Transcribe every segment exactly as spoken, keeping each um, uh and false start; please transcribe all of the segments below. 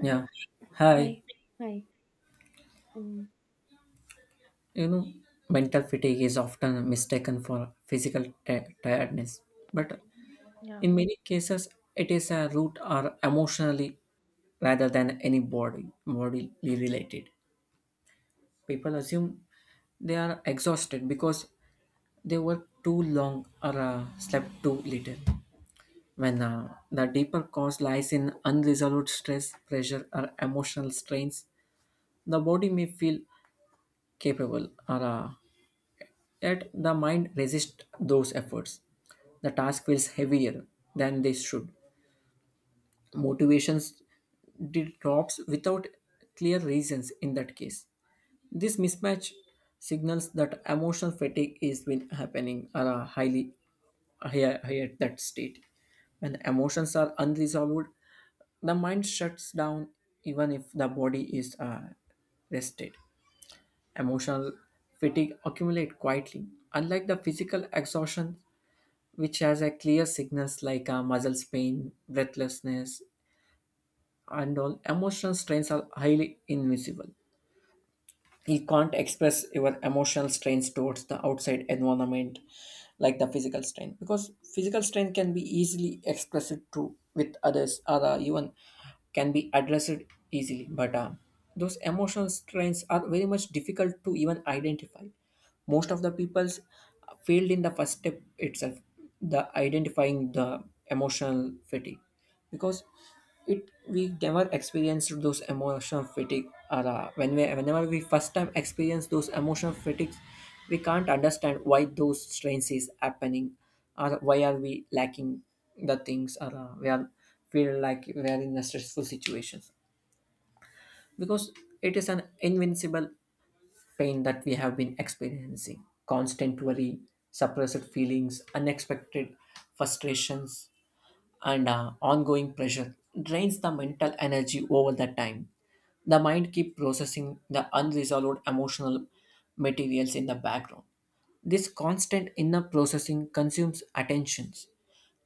Yeah. hi, Hi. hi. And You know, mental fatigue is often mistaken for physical ti- tiredness, but yeah, in many cases, it is a root or emotionally rather than any body bodily related. People assume they are exhausted because they work too long or uh, slept too little. When uh, the deeper cause lies in unresolved stress, pressure, or emotional strains, the body may feel capable or uh, yet the mind resists those efforts. The task feels heavier than they should. Motivations drops without clear reasons in that case. This mismatch signals that emotional fatigue is been happening at a highly higher, higher at that state. When emotions are unresolved, the mind shuts down even if the body is uh, rested. Emotional fatigue accumulates quietly. Unlike the physical exhaustion, which has a clear signals like uh, muscle pain, breathlessness, and all. Emotional strains are highly invisible. You can't express your emotional strains towards the outside environment like the physical strain, because physical strain can be easily expressed to with others or uh, even can be addressed easily but uh, those emotional strains are very much difficult to even identify. Most of the people's failed in the first step itself, the identifying the emotional fatigue, because it we never experienced those emotional fatigue, or uh, when we, whenever we first time experience those emotional fatigues, we can't understand why those strains is happening, or why are we lacking the things, or uh, we are feel like we are in a stressful situations, because it is an invincible pain that we have been experiencing. Constant worry, suppressed feelings, unexpected frustrations, and uh, ongoing pressure drains the mental energy over the time. The mind keeps processing the unresolved emotional materials in the background. This constant inner processing consumes attentions.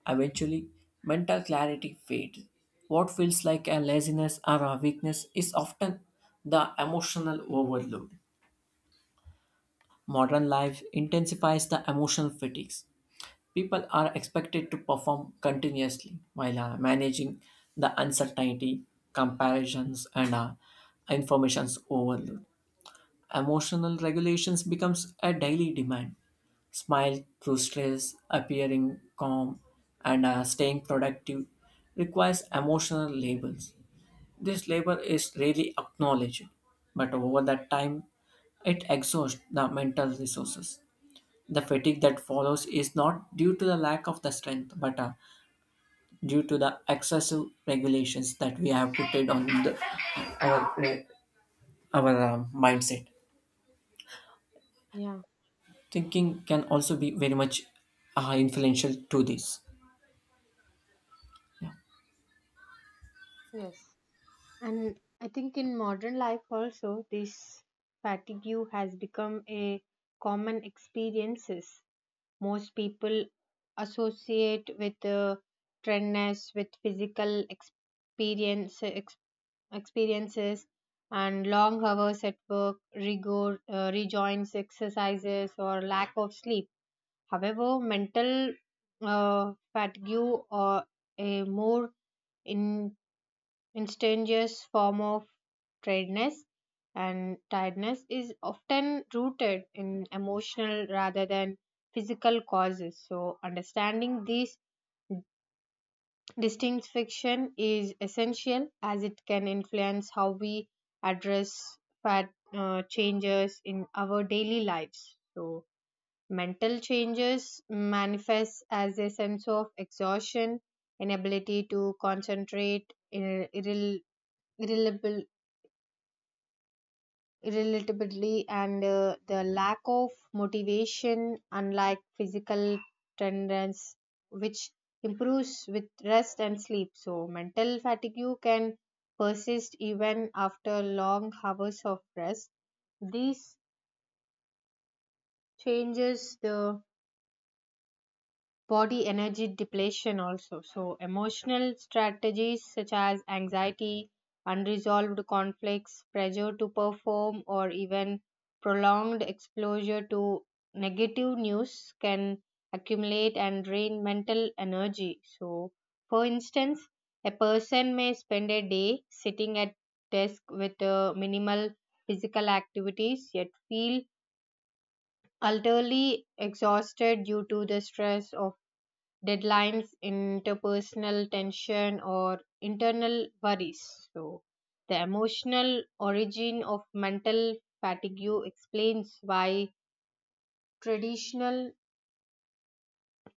Eventually, mental clarity fades. What feels like a laziness or a weakness is often the emotional overload. Modern life intensifies the emotional fatigues. People are expected to perform continuously while uh, managing the uncertainty, comparisons, and uh, information's overload. Emotional regulations becomes a daily demand. Smile through stress, appearing calm, and uh, staying productive requires emotional labels. This labor is rarely acknowledged, but over that time, it exhausts the mental resources. The fatigue that follows is not due to the lack of the strength, but uh, due to the excessive regulations that we have put it on the, our, our uh, mindset. yeah, Thinking can also be very much uh, influential to this. yes. And I think in modern life also, this fatigue has become a common experiences. Most people associate with uh, trendness, with physical experience, ex- experiences, and long hours at work, rigor, uh, rejoins exercises, or lack of sleep. However, mental uh, fatigue or a more in, instantaneous form of tiredness and tiredness is often rooted in emotional rather than physical causes. So, understanding these distinction is essential as it can influence how we address fat uh, changes in our daily lives. So, mental changes manifest as a sense of exhaustion, inability to concentrate ir- irrel- irreliable- irrelitably, and uh, the lack of motivation, unlike physical tenderness, which improves with rest and sleep. So, mental fatigue can persist even after long hours of rest. These changes the body energy depletion also, so emotional strategies such as anxiety, unresolved conflicts, pressure to perform, or even prolonged exposure to negative news can accumulate and drain mental energy. So for instance, a person may spend a day sitting at desk with uh, minimal physical activities yet feel utterly exhausted due to the stress of deadlines, interpersonal tension, or internal worries. So, the emotional origin of mental fatigue explains why traditional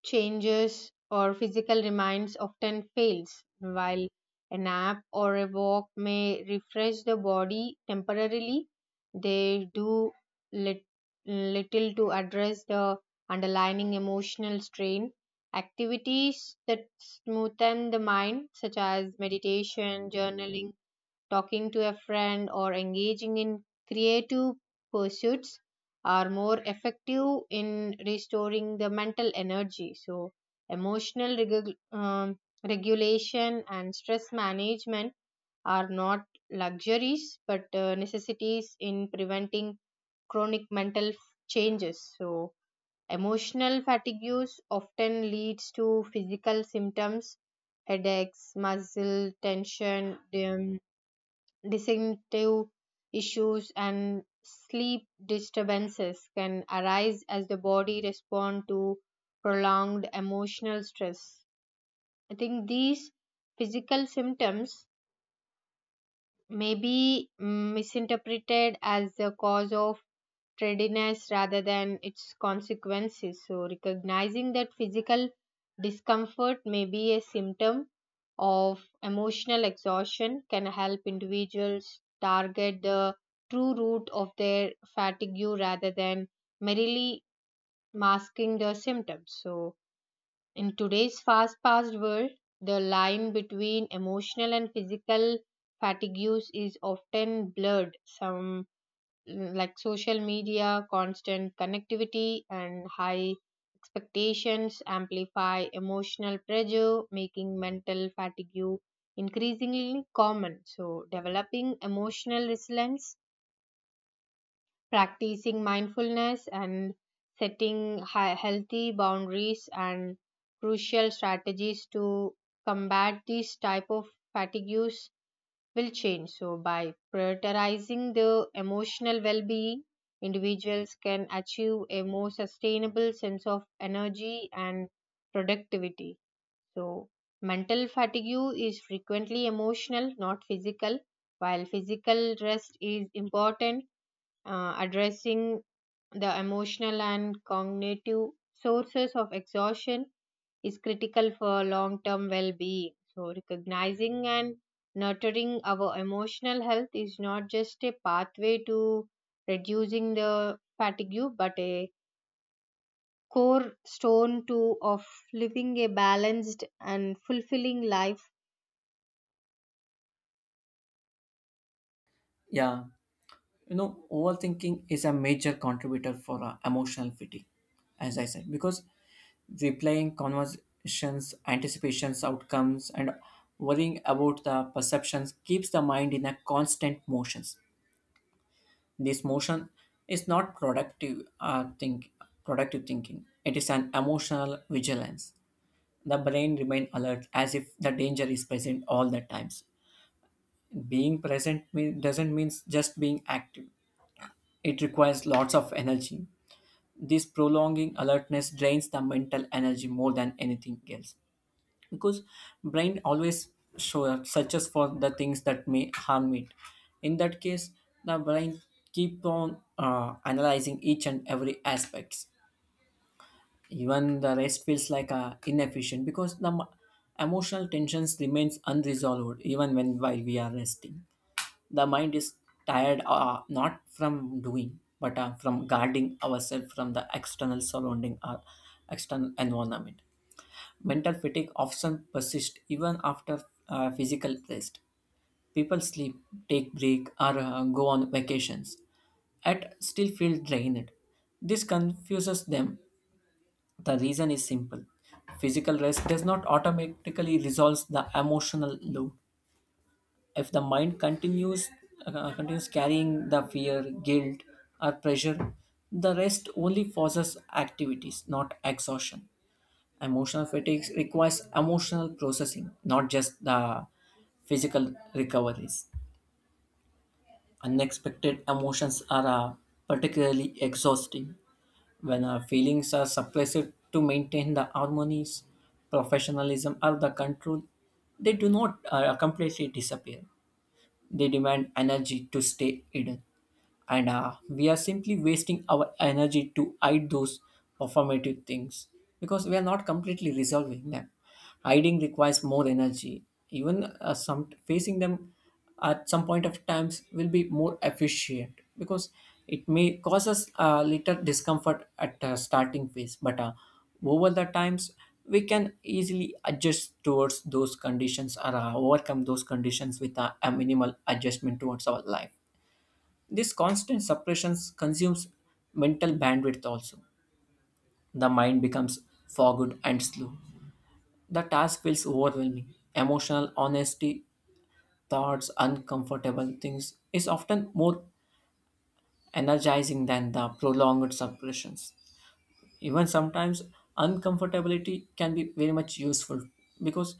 changes or physical reminds often fails. While a nap or a walk may refresh the body temporarily, they do lit- little to address the underlying emotional strain. Activities that smoothen the mind, such as meditation, journaling, talking to a friend, or engaging in creative pursuits are more effective in restoring the mental energy. So, emotional regu- um, regulation and stress management are not luxuries but uh, necessities in preventing chronic mental f- changes. So, emotional fatigue often leads to physical symptoms. Headaches, muscle tension, um digestive issues, and sleep disturbances can arise as the body responds to prolonged emotional stress. I think these physical symptoms may be misinterpreted as the cause of readiness rather than its consequences. So, recognizing that physical discomfort may be a symptom of emotional exhaustion can help individuals target the true root of their fatigue rather than merely masking the symptoms. So, in today's fast paced world, the line between emotional and physical fatigues is often blurred. Some mm, like social media, constant connectivity, and high expectations amplify emotional pressure, making mental fatigue increasingly common. So, developing emotional resilience, practicing mindfulness, and setting high, healthy boundaries and crucial strategies to combat these type of fatigues will change. So, by prioritizing the emotional well being, individuals can achieve a more sustainable sense of energy and productivity. So, mental fatigue is frequently emotional, not physical. While physical rest is important, uh, addressing the emotional and cognitive sources of exhaustion is critical for long term well being. So, recognizing and nurturing our emotional health is not just a pathway to reducing the fatigue, but a core stone to of living a balanced and fulfilling life. Yeah, you know, overthinking is a major contributor for uh, emotional fatigue, as I said, because replaying conversations, anticipations, outcomes, and worrying about the perceptions keeps the mind in a constant motion. This motion is not productive uh, think productive thinking. It is an emotional vigilance. The brain remains alert as if the danger is present all the times. Being present mean, doesn't mean just being active. It requires lots of energy. This prolonging alertness drains the mental energy more than anything else, because brain always show, searches for the things that may harm it. In that case the brain keep on uh, analyzing each and every aspects. Even the rest feels like uh, inefficient, because the m- emotional tensions remains unresolved even when while we are resting. The mind is tired uh, not from doing but uh, from guarding ourselves from the external surrounding or external environment. Mental fatigue often persists even after uh, physical rest. People sleep, take break, or uh, go on vacations, yet still feel drained. This confuses them. The reason is simple: physical rest does not automatically resolve the emotional load. If the mind continues uh, continues carrying the fear, guilt, or pressure, the rest only forces activities, not exhaustion. Emotional fatigue requires emotional processing, not just the physical recoveries. Unexpected emotions are uh, particularly exhausting when our feelings are suppressed to maintain the harmonies, professionalism, or the control. They do not uh, completely disappear, they demand energy to stay hidden. And uh, we are simply wasting our energy to hide those performative things, because we are not completely resolving them. Hiding requires more energy. Even uh, some facing them at some point of times will be more efficient, because it may cause us a little discomfort at uh, starting phase, but uh, over the times, we can easily adjust towards those conditions or uh, overcome those conditions with a, a minimal adjustment towards our life. This constant suppressions consumes mental bandwidth also. The mind becomes fogged and slow. The task feels overwhelming. Emotional honesty, thoughts, uncomfortable things is often more energizing than the prolonged suppressions. Even sometimes uncomfortability can be very much useful, because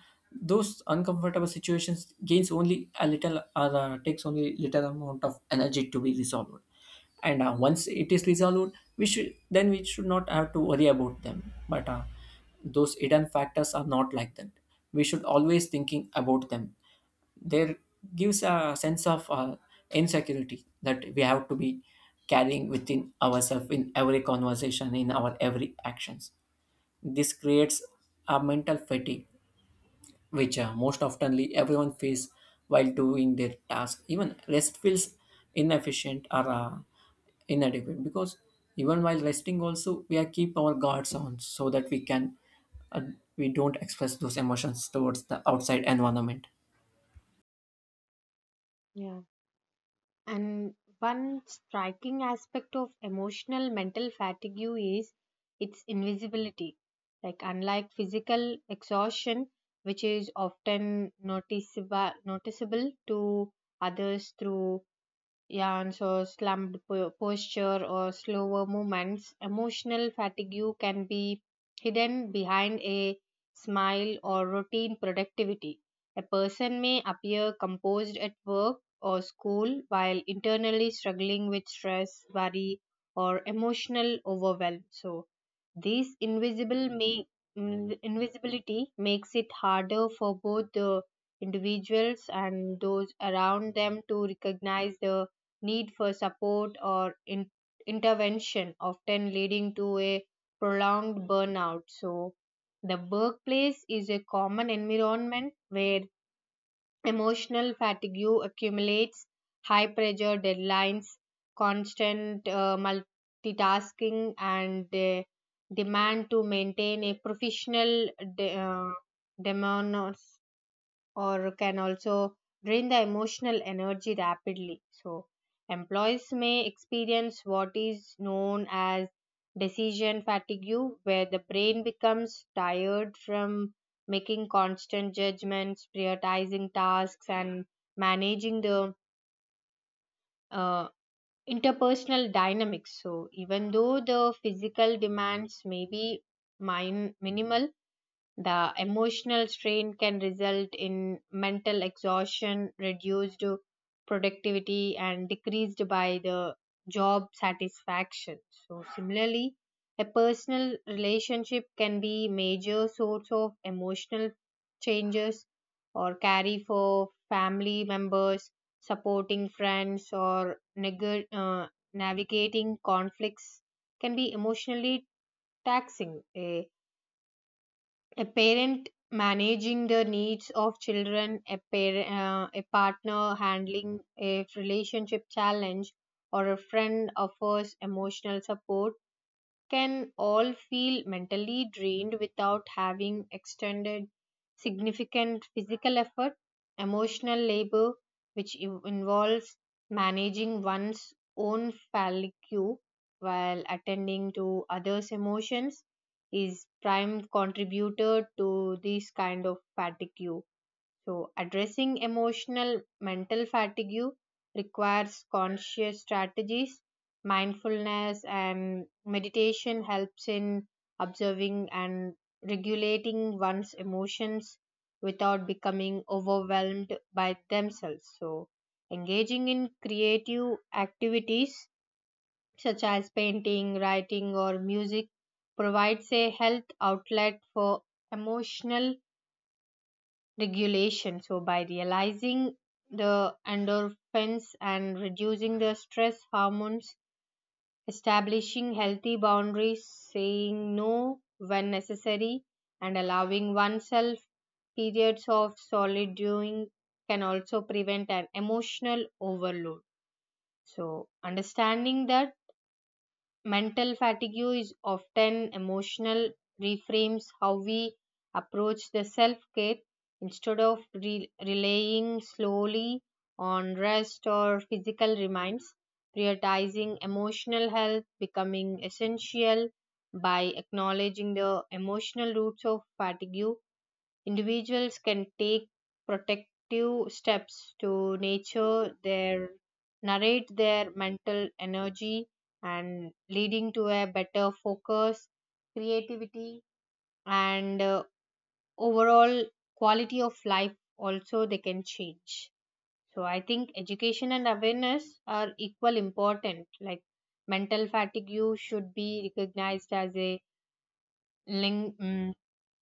those uncomfortable situations gains only a little or uh, takes only little amount of energy to be resolved, and uh, once it is resolved we should then we should not have to worry about them, but uh, those hidden factors are not like that. We should always thinking about them. There gives a sense of uh, insecurity that we have to be carrying within ourselves in every conversation in our every actions. This creates a mental fatigue which uh, most oftenly everyone feels while doing their task. Even rest feels inefficient or uh, inadequate, because even while resting also we are keep our guards on so that we can uh, we don't express those emotions towards the outside environment. Yeah. And one striking aspect of emotional mental fatigue is its invisibility. Like, unlike physical exhaustion, which is often noticeable, noticeable to others through yeah, and so slumped po- posture or slower movements. Emotional fatigue can be hidden behind a smile or routine productivity. A person may appear composed at work or school while internally struggling with stress, worry, or emotional overwhelm. So, this invisible may, mm, invisibility makes it harder for both the individuals and those around them to recognize the need for support or in- intervention, often leading to a prolonged burnout. So, the workplace is a common environment where emotional fatigue accumulates. High pressure deadlines, constant uh, multitasking, and the demand to maintain a professional de- uh, demeanor or can also drain the emotional energy rapidly. So, employees may experience what is known as decision fatigue, where the brain becomes tired from making constant judgments, prioritizing tasks, and managing the uh, interpersonal dynamics. So, even though the physical demands may be min- minimal, the emotional strain can result in mental exhaustion, reduced productivity, and decreased by the job satisfaction. So, similarly, a personal relationship can be major source of emotional changes or carry for family members, supporting friends, or neg- uh, navigating conflicts can be emotionally taxing. A a parent managing the needs of children, a, par- uh, a partner handling a relationship challenge, or a friend offers emotional support can all feel mentally drained without having extended significant physical effort. Emotional labor, which in- involves managing one's own fallicu while attending to others' emotions, is prime contributor to this kind of fatigue. So, addressing emotional mental fatigue requires conscious strategies. Mindfulness and meditation helps in observing and regulating one's emotions without becoming overwhelmed by themselves. So, engaging in creative activities such as painting, writing, or music provides a health outlet for emotional regulation. So, by realizing the endorphins and reducing the stress hormones, establishing healthy boundaries, saying no when necessary, and allowing oneself periods of solitude can also prevent an emotional overload. So, understanding that mental fatigue is often emotional, reframes how we approach the self care instead of re- relying slowly on rest or physical reminds, prioritizing emotional health becoming essential by acknowledging the emotional roots of fatigue. Individuals can take protective steps to nature their narrate their mental energy and leading to a better focus, creativity, and uh, overall quality of life also they can change. So I think education and awareness are equal important. Like mental fatigue you should be recognized as a ling- mm,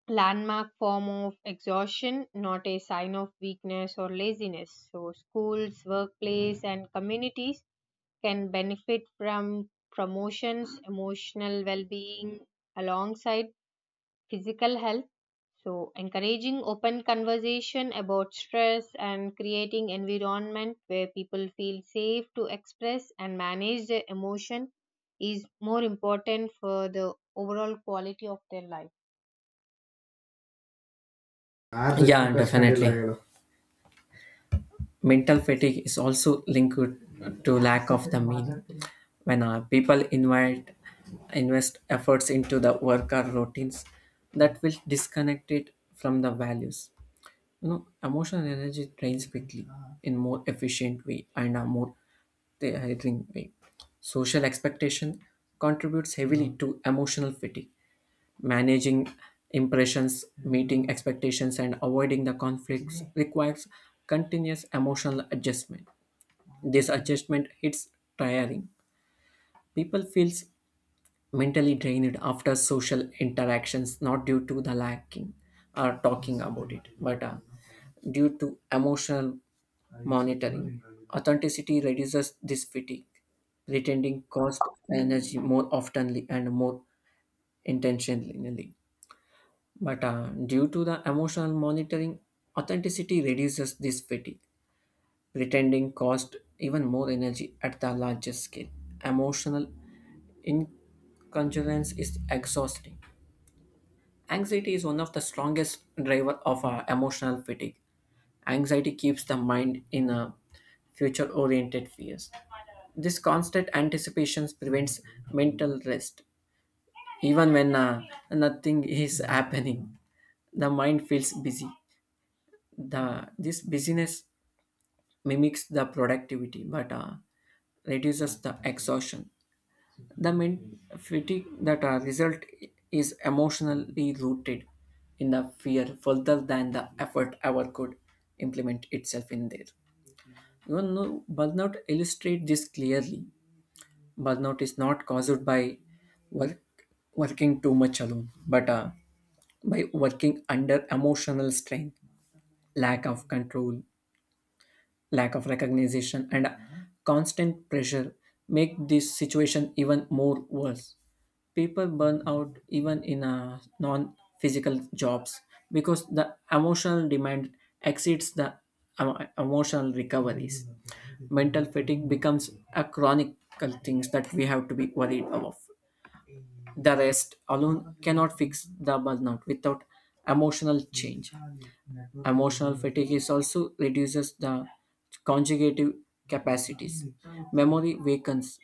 landmark form of exhaustion, not a sign of weakness or laziness. So, schools, workplace, and communities can benefit from promotions, emotional well being alongside physical health. So, encouraging open conversation about stress and creating environment where people feel safe to express and manage their emotion is more important for the overall quality of their life. As yeah, definitely mental fatigue is also linked to lack of the meaning, when uh, people invite invest efforts into the work or routines that will disconnect it from the values. You know, emotional energy drains quickly in more efficient way and a more tiring way. Social expectation contributes heavily to emotional fatigue. Managing impressions, meeting expectations, and avoiding the conflicts requires continuous emotional adjustment. This adjustment hits tiring. People feels mentally drained after social interactions, not due to the lacking or talking about it, but uh, due to emotional monitoring. Authenticity reduces this fatigue. Pretending cost energy more oftenly and more intentionally. But uh, due to the emotional monitoring, authenticity reduces this fatigue. Pretending cost even more energy at the largest scale. Emotional incongruence is exhausting. Anxiety is one of the strongest driver of uh, emotional fatigue. Anxiety keeps the mind in a future-oriented fears. This constant anticipation prevents mental rest. Even when uh, nothing is happening, the mind feels busy. The this busyness mimics the productivity but uh, reduces the exhaustion. The men- fatigue that uh, result is emotionally rooted in the fear further than the effort ever could implement itself in there. You know, burnout illustrate this clearly. Burnout is not caused by work working too much alone, but uh, by working under emotional strain, lack of control, lack of recognition, and constant pressure make this situation even more worse. People burn out even in uh, non-physical jobs, because the emotional demand exceeds the emo- emotional recoveries. Mental fatigue becomes a chronic thing that we have to be worried of. The rest alone cannot fix the burnout without emotional change. Emotional fatigue is also reduces the conjugative capacities. Memory wakens,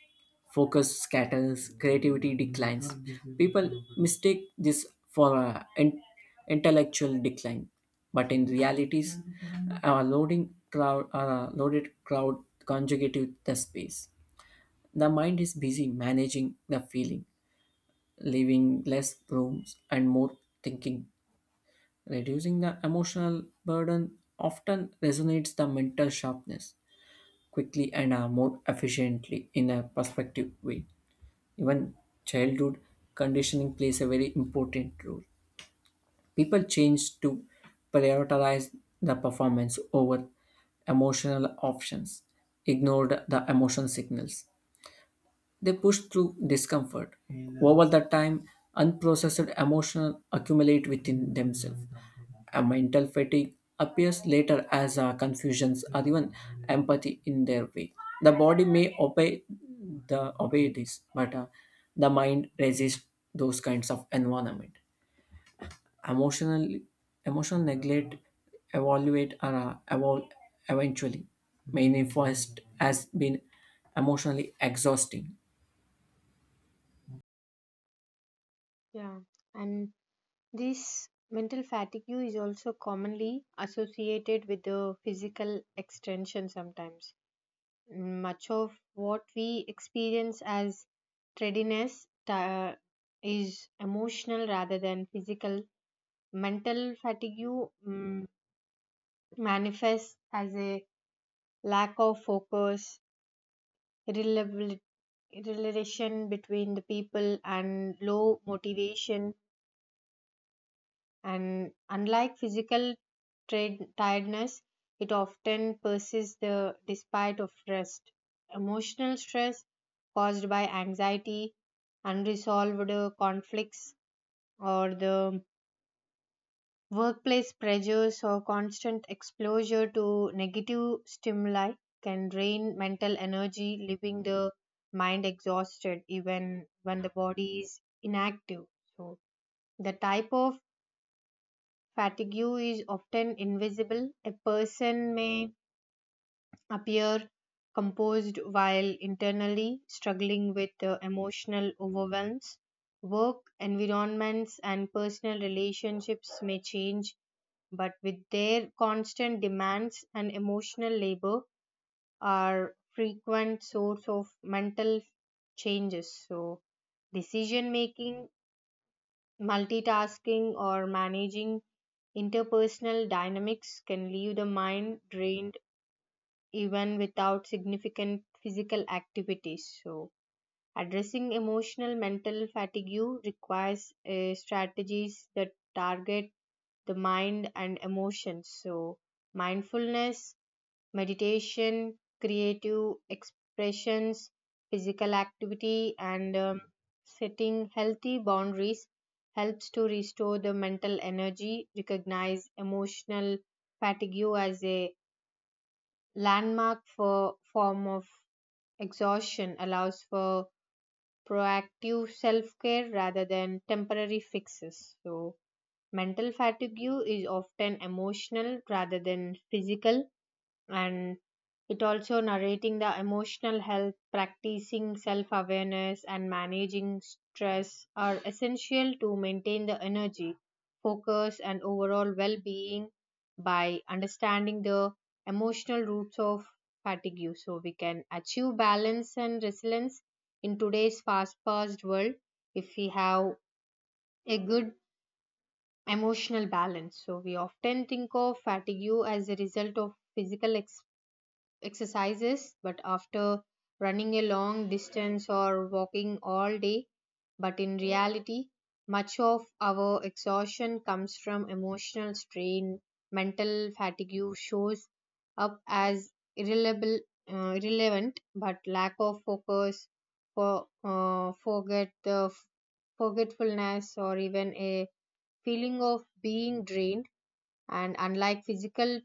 focus scatters, creativity declines. People mistake this for a in- intellectual decline, but in realities, a loading crowd, a loaded crowd conjugative the space. The mind is busy managing the feeling, leaving less rooms and more thinking. Reducing the emotional burden often resonates the mental sharpness quickly and uh, more efficiently in a perspective way. Even childhood conditioning plays a very important role. People change to prioritize the performance over emotional options, ignore the emotion signals. They push through discomfort. Over the time, unprocessed emotions accumulate within themselves. A mental fatigue appears later as uh, confusions or even empathy in their way. The body may obey the obey this, but uh, the mind resists those kinds of environment. Emotional emotional neglect evaluate or uh, evol- eventually manifest as being emotionally exhausting. Yeah. And this mental fatigue is also commonly associated with the physical extension sometimes. Much of what we experience as tardiness ti- is emotional rather than physical. Mental fatigue mm, manifests as a lack of focus, reliability relation between the people and low motivation, and unlike physical trade, tiredness, it often persists the despite of rest. Emotional stress caused by anxiety, unresolved uh, conflicts, or the workplace pressures or constant exposure to negative stimuli can drain mental energy, leaving the mind exhausted even when the body is inactive. So, the type of fatigue is often invisible. A person may appear composed while internally struggling with uh, emotional overwhelms. Work environments and personal relationships may change, but with their constant demands and emotional labor are frequent source of mental changes. So decision making, multitasking, or managing interpersonal dynamics can leave the mind drained even without significant physical activities. So, addressing emotional mental fatigue requires uh, strategies that target the mind and emotions. So, mindfulness meditation, creative expressions, physical activity, and um, setting healthy boundaries helps to restore the mental energy, recognize emotional fatigue as a landmark for form of exhaustion, allows for proactive self-care rather than temporary fixes. So mental fatigue is often emotional rather than physical, and it also narrating the emotional health, practicing self awareness and managing stress are essential to maintain the energy, focus, and overall well being. By understanding the emotional roots of fatigue, so we can achieve balance and resilience in today's fast paced world. If we have a good emotional balance, so we often think of fatigue as a result of physical exercises, but after running a long distance or walking all day. But in reality, much of our exhaustion comes from emotional strain. Mental fatigue shows up as irrelevable, uh, irrelevant, but lack of focus, for, uh, forget the forgetfulness, or even a feeling of being drained. And unlike physical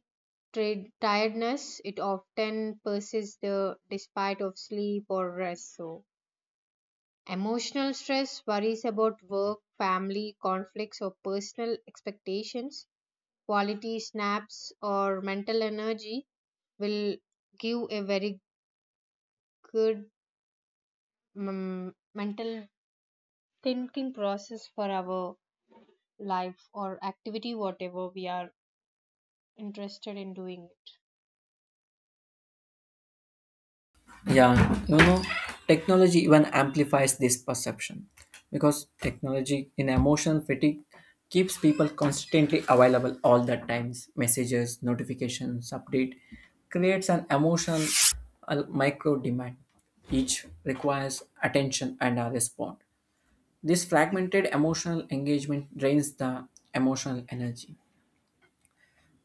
trade tiredness, it often persists the despite of sleep or rest. So emotional stress, worries about work, family conflicts, or personal expectations, quality snaps or mental energy will give a very good mm mental thinking process for our life or activity whatever we are interested in doing it. Yeah, you know, technology even amplifies this perception, because technology in emotional fatigue keeps people constantly available all the times. Messages, notifications, update creates an emotional uh, micro demand. Each requires attention and a response. This fragmented emotional engagement drains the emotional energy.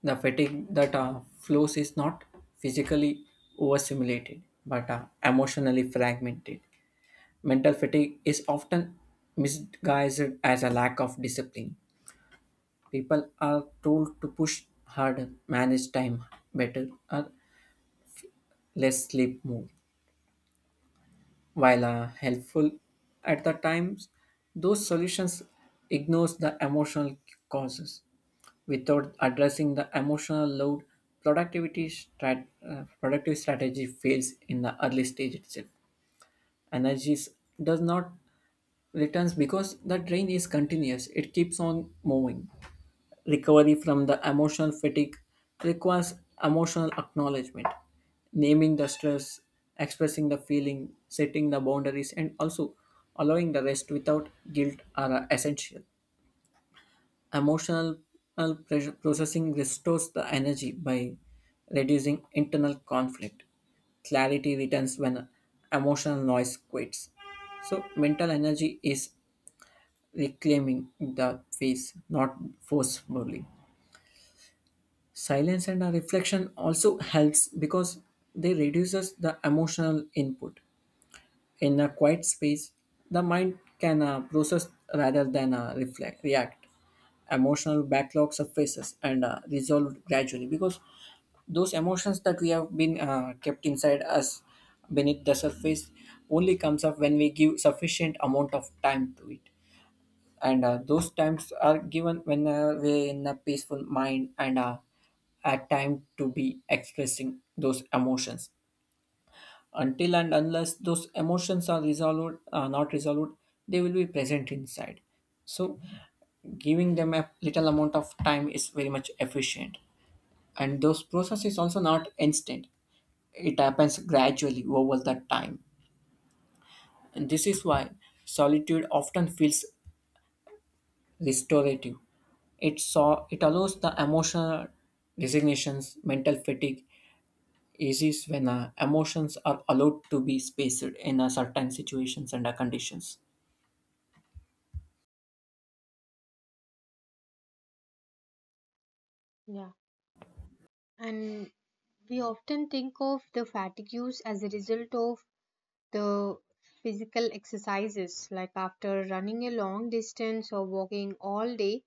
The fatigue that uh, flows is not physically overstimulated but uh, emotionally fragmented. Mental fatigue is often misguised as a lack of discipline. People are told to push harder, manage time better, or less sleep more. While uh, helpful at the times, those solutions ignores the emotional causes. Without addressing the emotional load, productivity strat- uh, productive strategy fails in the early stage itself. Energies does not returns because the train is continuous, it keeps on moving. Recovery from the emotional fatigue requires emotional acknowledgement, naming the stress, expressing the feeling, setting the boundaries, and also allowing the rest without guilt are essential. Emotional pressure processing restores the energy by reducing internal conflict. Clarity returns when emotional noise quits. So mental energy is reclaiming the face, not forcefully. Silence and a reflection also helps, because they reduces the emotional input. In a quiet space, the mind can uh, process rather than uh, reflect, react. Emotional backlogs surfaces and uh, resolved gradually, because those emotions that we have been uh, kept inside us beneath the surface only comes up when we give sufficient amount of time to it, and uh, those times are given when uh, we're in a peaceful mind and uh, a time to be expressing those emotions. Until and unless those emotions are resolved uh, not resolved, they will be present inside. So giving them a little amount of time is very much efficient, and those process is also not instant, it happens gradually over the time. And this is why solitude often feels restorative. It saw it allows the emotional resignations. Mental fatigue eases when uh, emotions are allowed to be spaced in a certain situations and uh, conditions. Yeah, and we often think of the fatigues as a result of the physical exercises, like after running a long distance or walking all day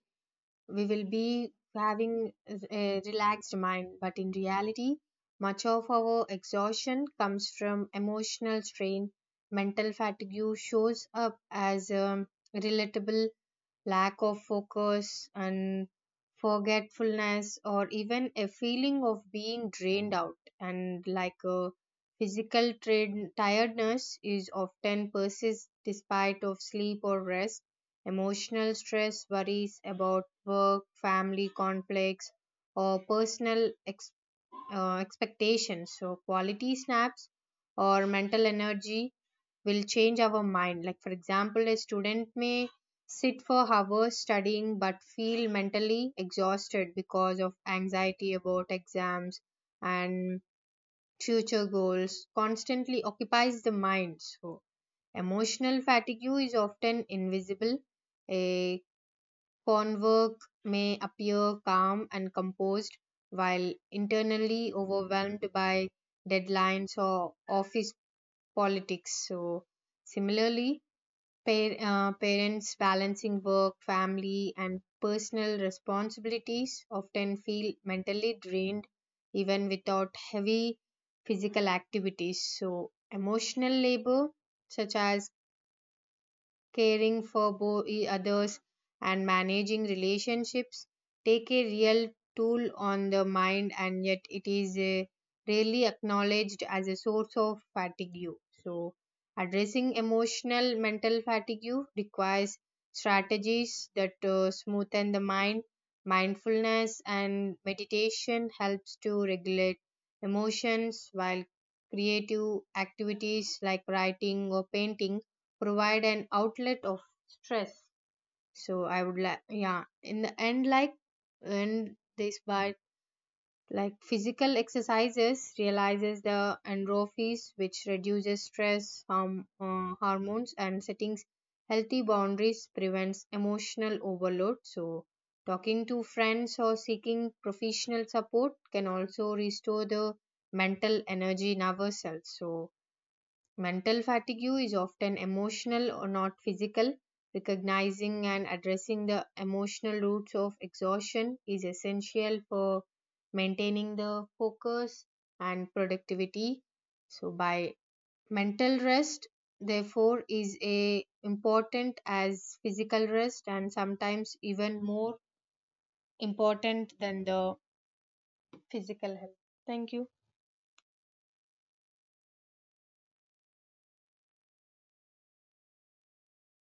we will be having a relaxed mind, but in reality, much of our exhaustion comes from emotional strain. Mental fatigue shows up as a relatable lack of focus and forgetfulness, or even a feeling of being drained out. And like a physical tra- tiredness is often persists despite of sleep or rest. Emotional stress, worries about work, family conflicts, or personal ex- uh, expectations. So, quality snaps or mental energy will change our mind. Like, for example, a student may sit for hours studying but feel mentally exhausted because of anxiety about exams and future goals constantly occupies the mind. So emotional fatigue is often invisible. A Converk may appear calm and composed, while internally overwhelmed by deadlines or office politics. So, similarly, par- uh, parents balancing work, family, and personal responsibilities often feel mentally drained even without heavy physical activities. So, emotional labor, such as caring for bo- e- others, and managing relationships take a real toll on the mind, and yet it is uh, rarely acknowledged as a source of fatigue. So, addressing emotional mental fatigue requires strategies that uh, smoothen the mind. Mindfulness and meditation helps to regulate emotions, while creative activities like writing or painting provide an outlet of stress. So I would like, yeah, in the end, like when this by like physical exercises realizes the endorphins which reduces stress um, uh, hormones and settings healthy boundaries prevents emotional overload. So talking to friends or seeking professional support can also restore the mental energy in ourselves. So mental fatigue is often emotional or not physical. Recognizing and addressing the emotional roots of exhaustion is essential for maintaining the focus and productivity. So, by mental rest, therefore, is a important as physical rest and sometimes even more important than the physical health. Thank you.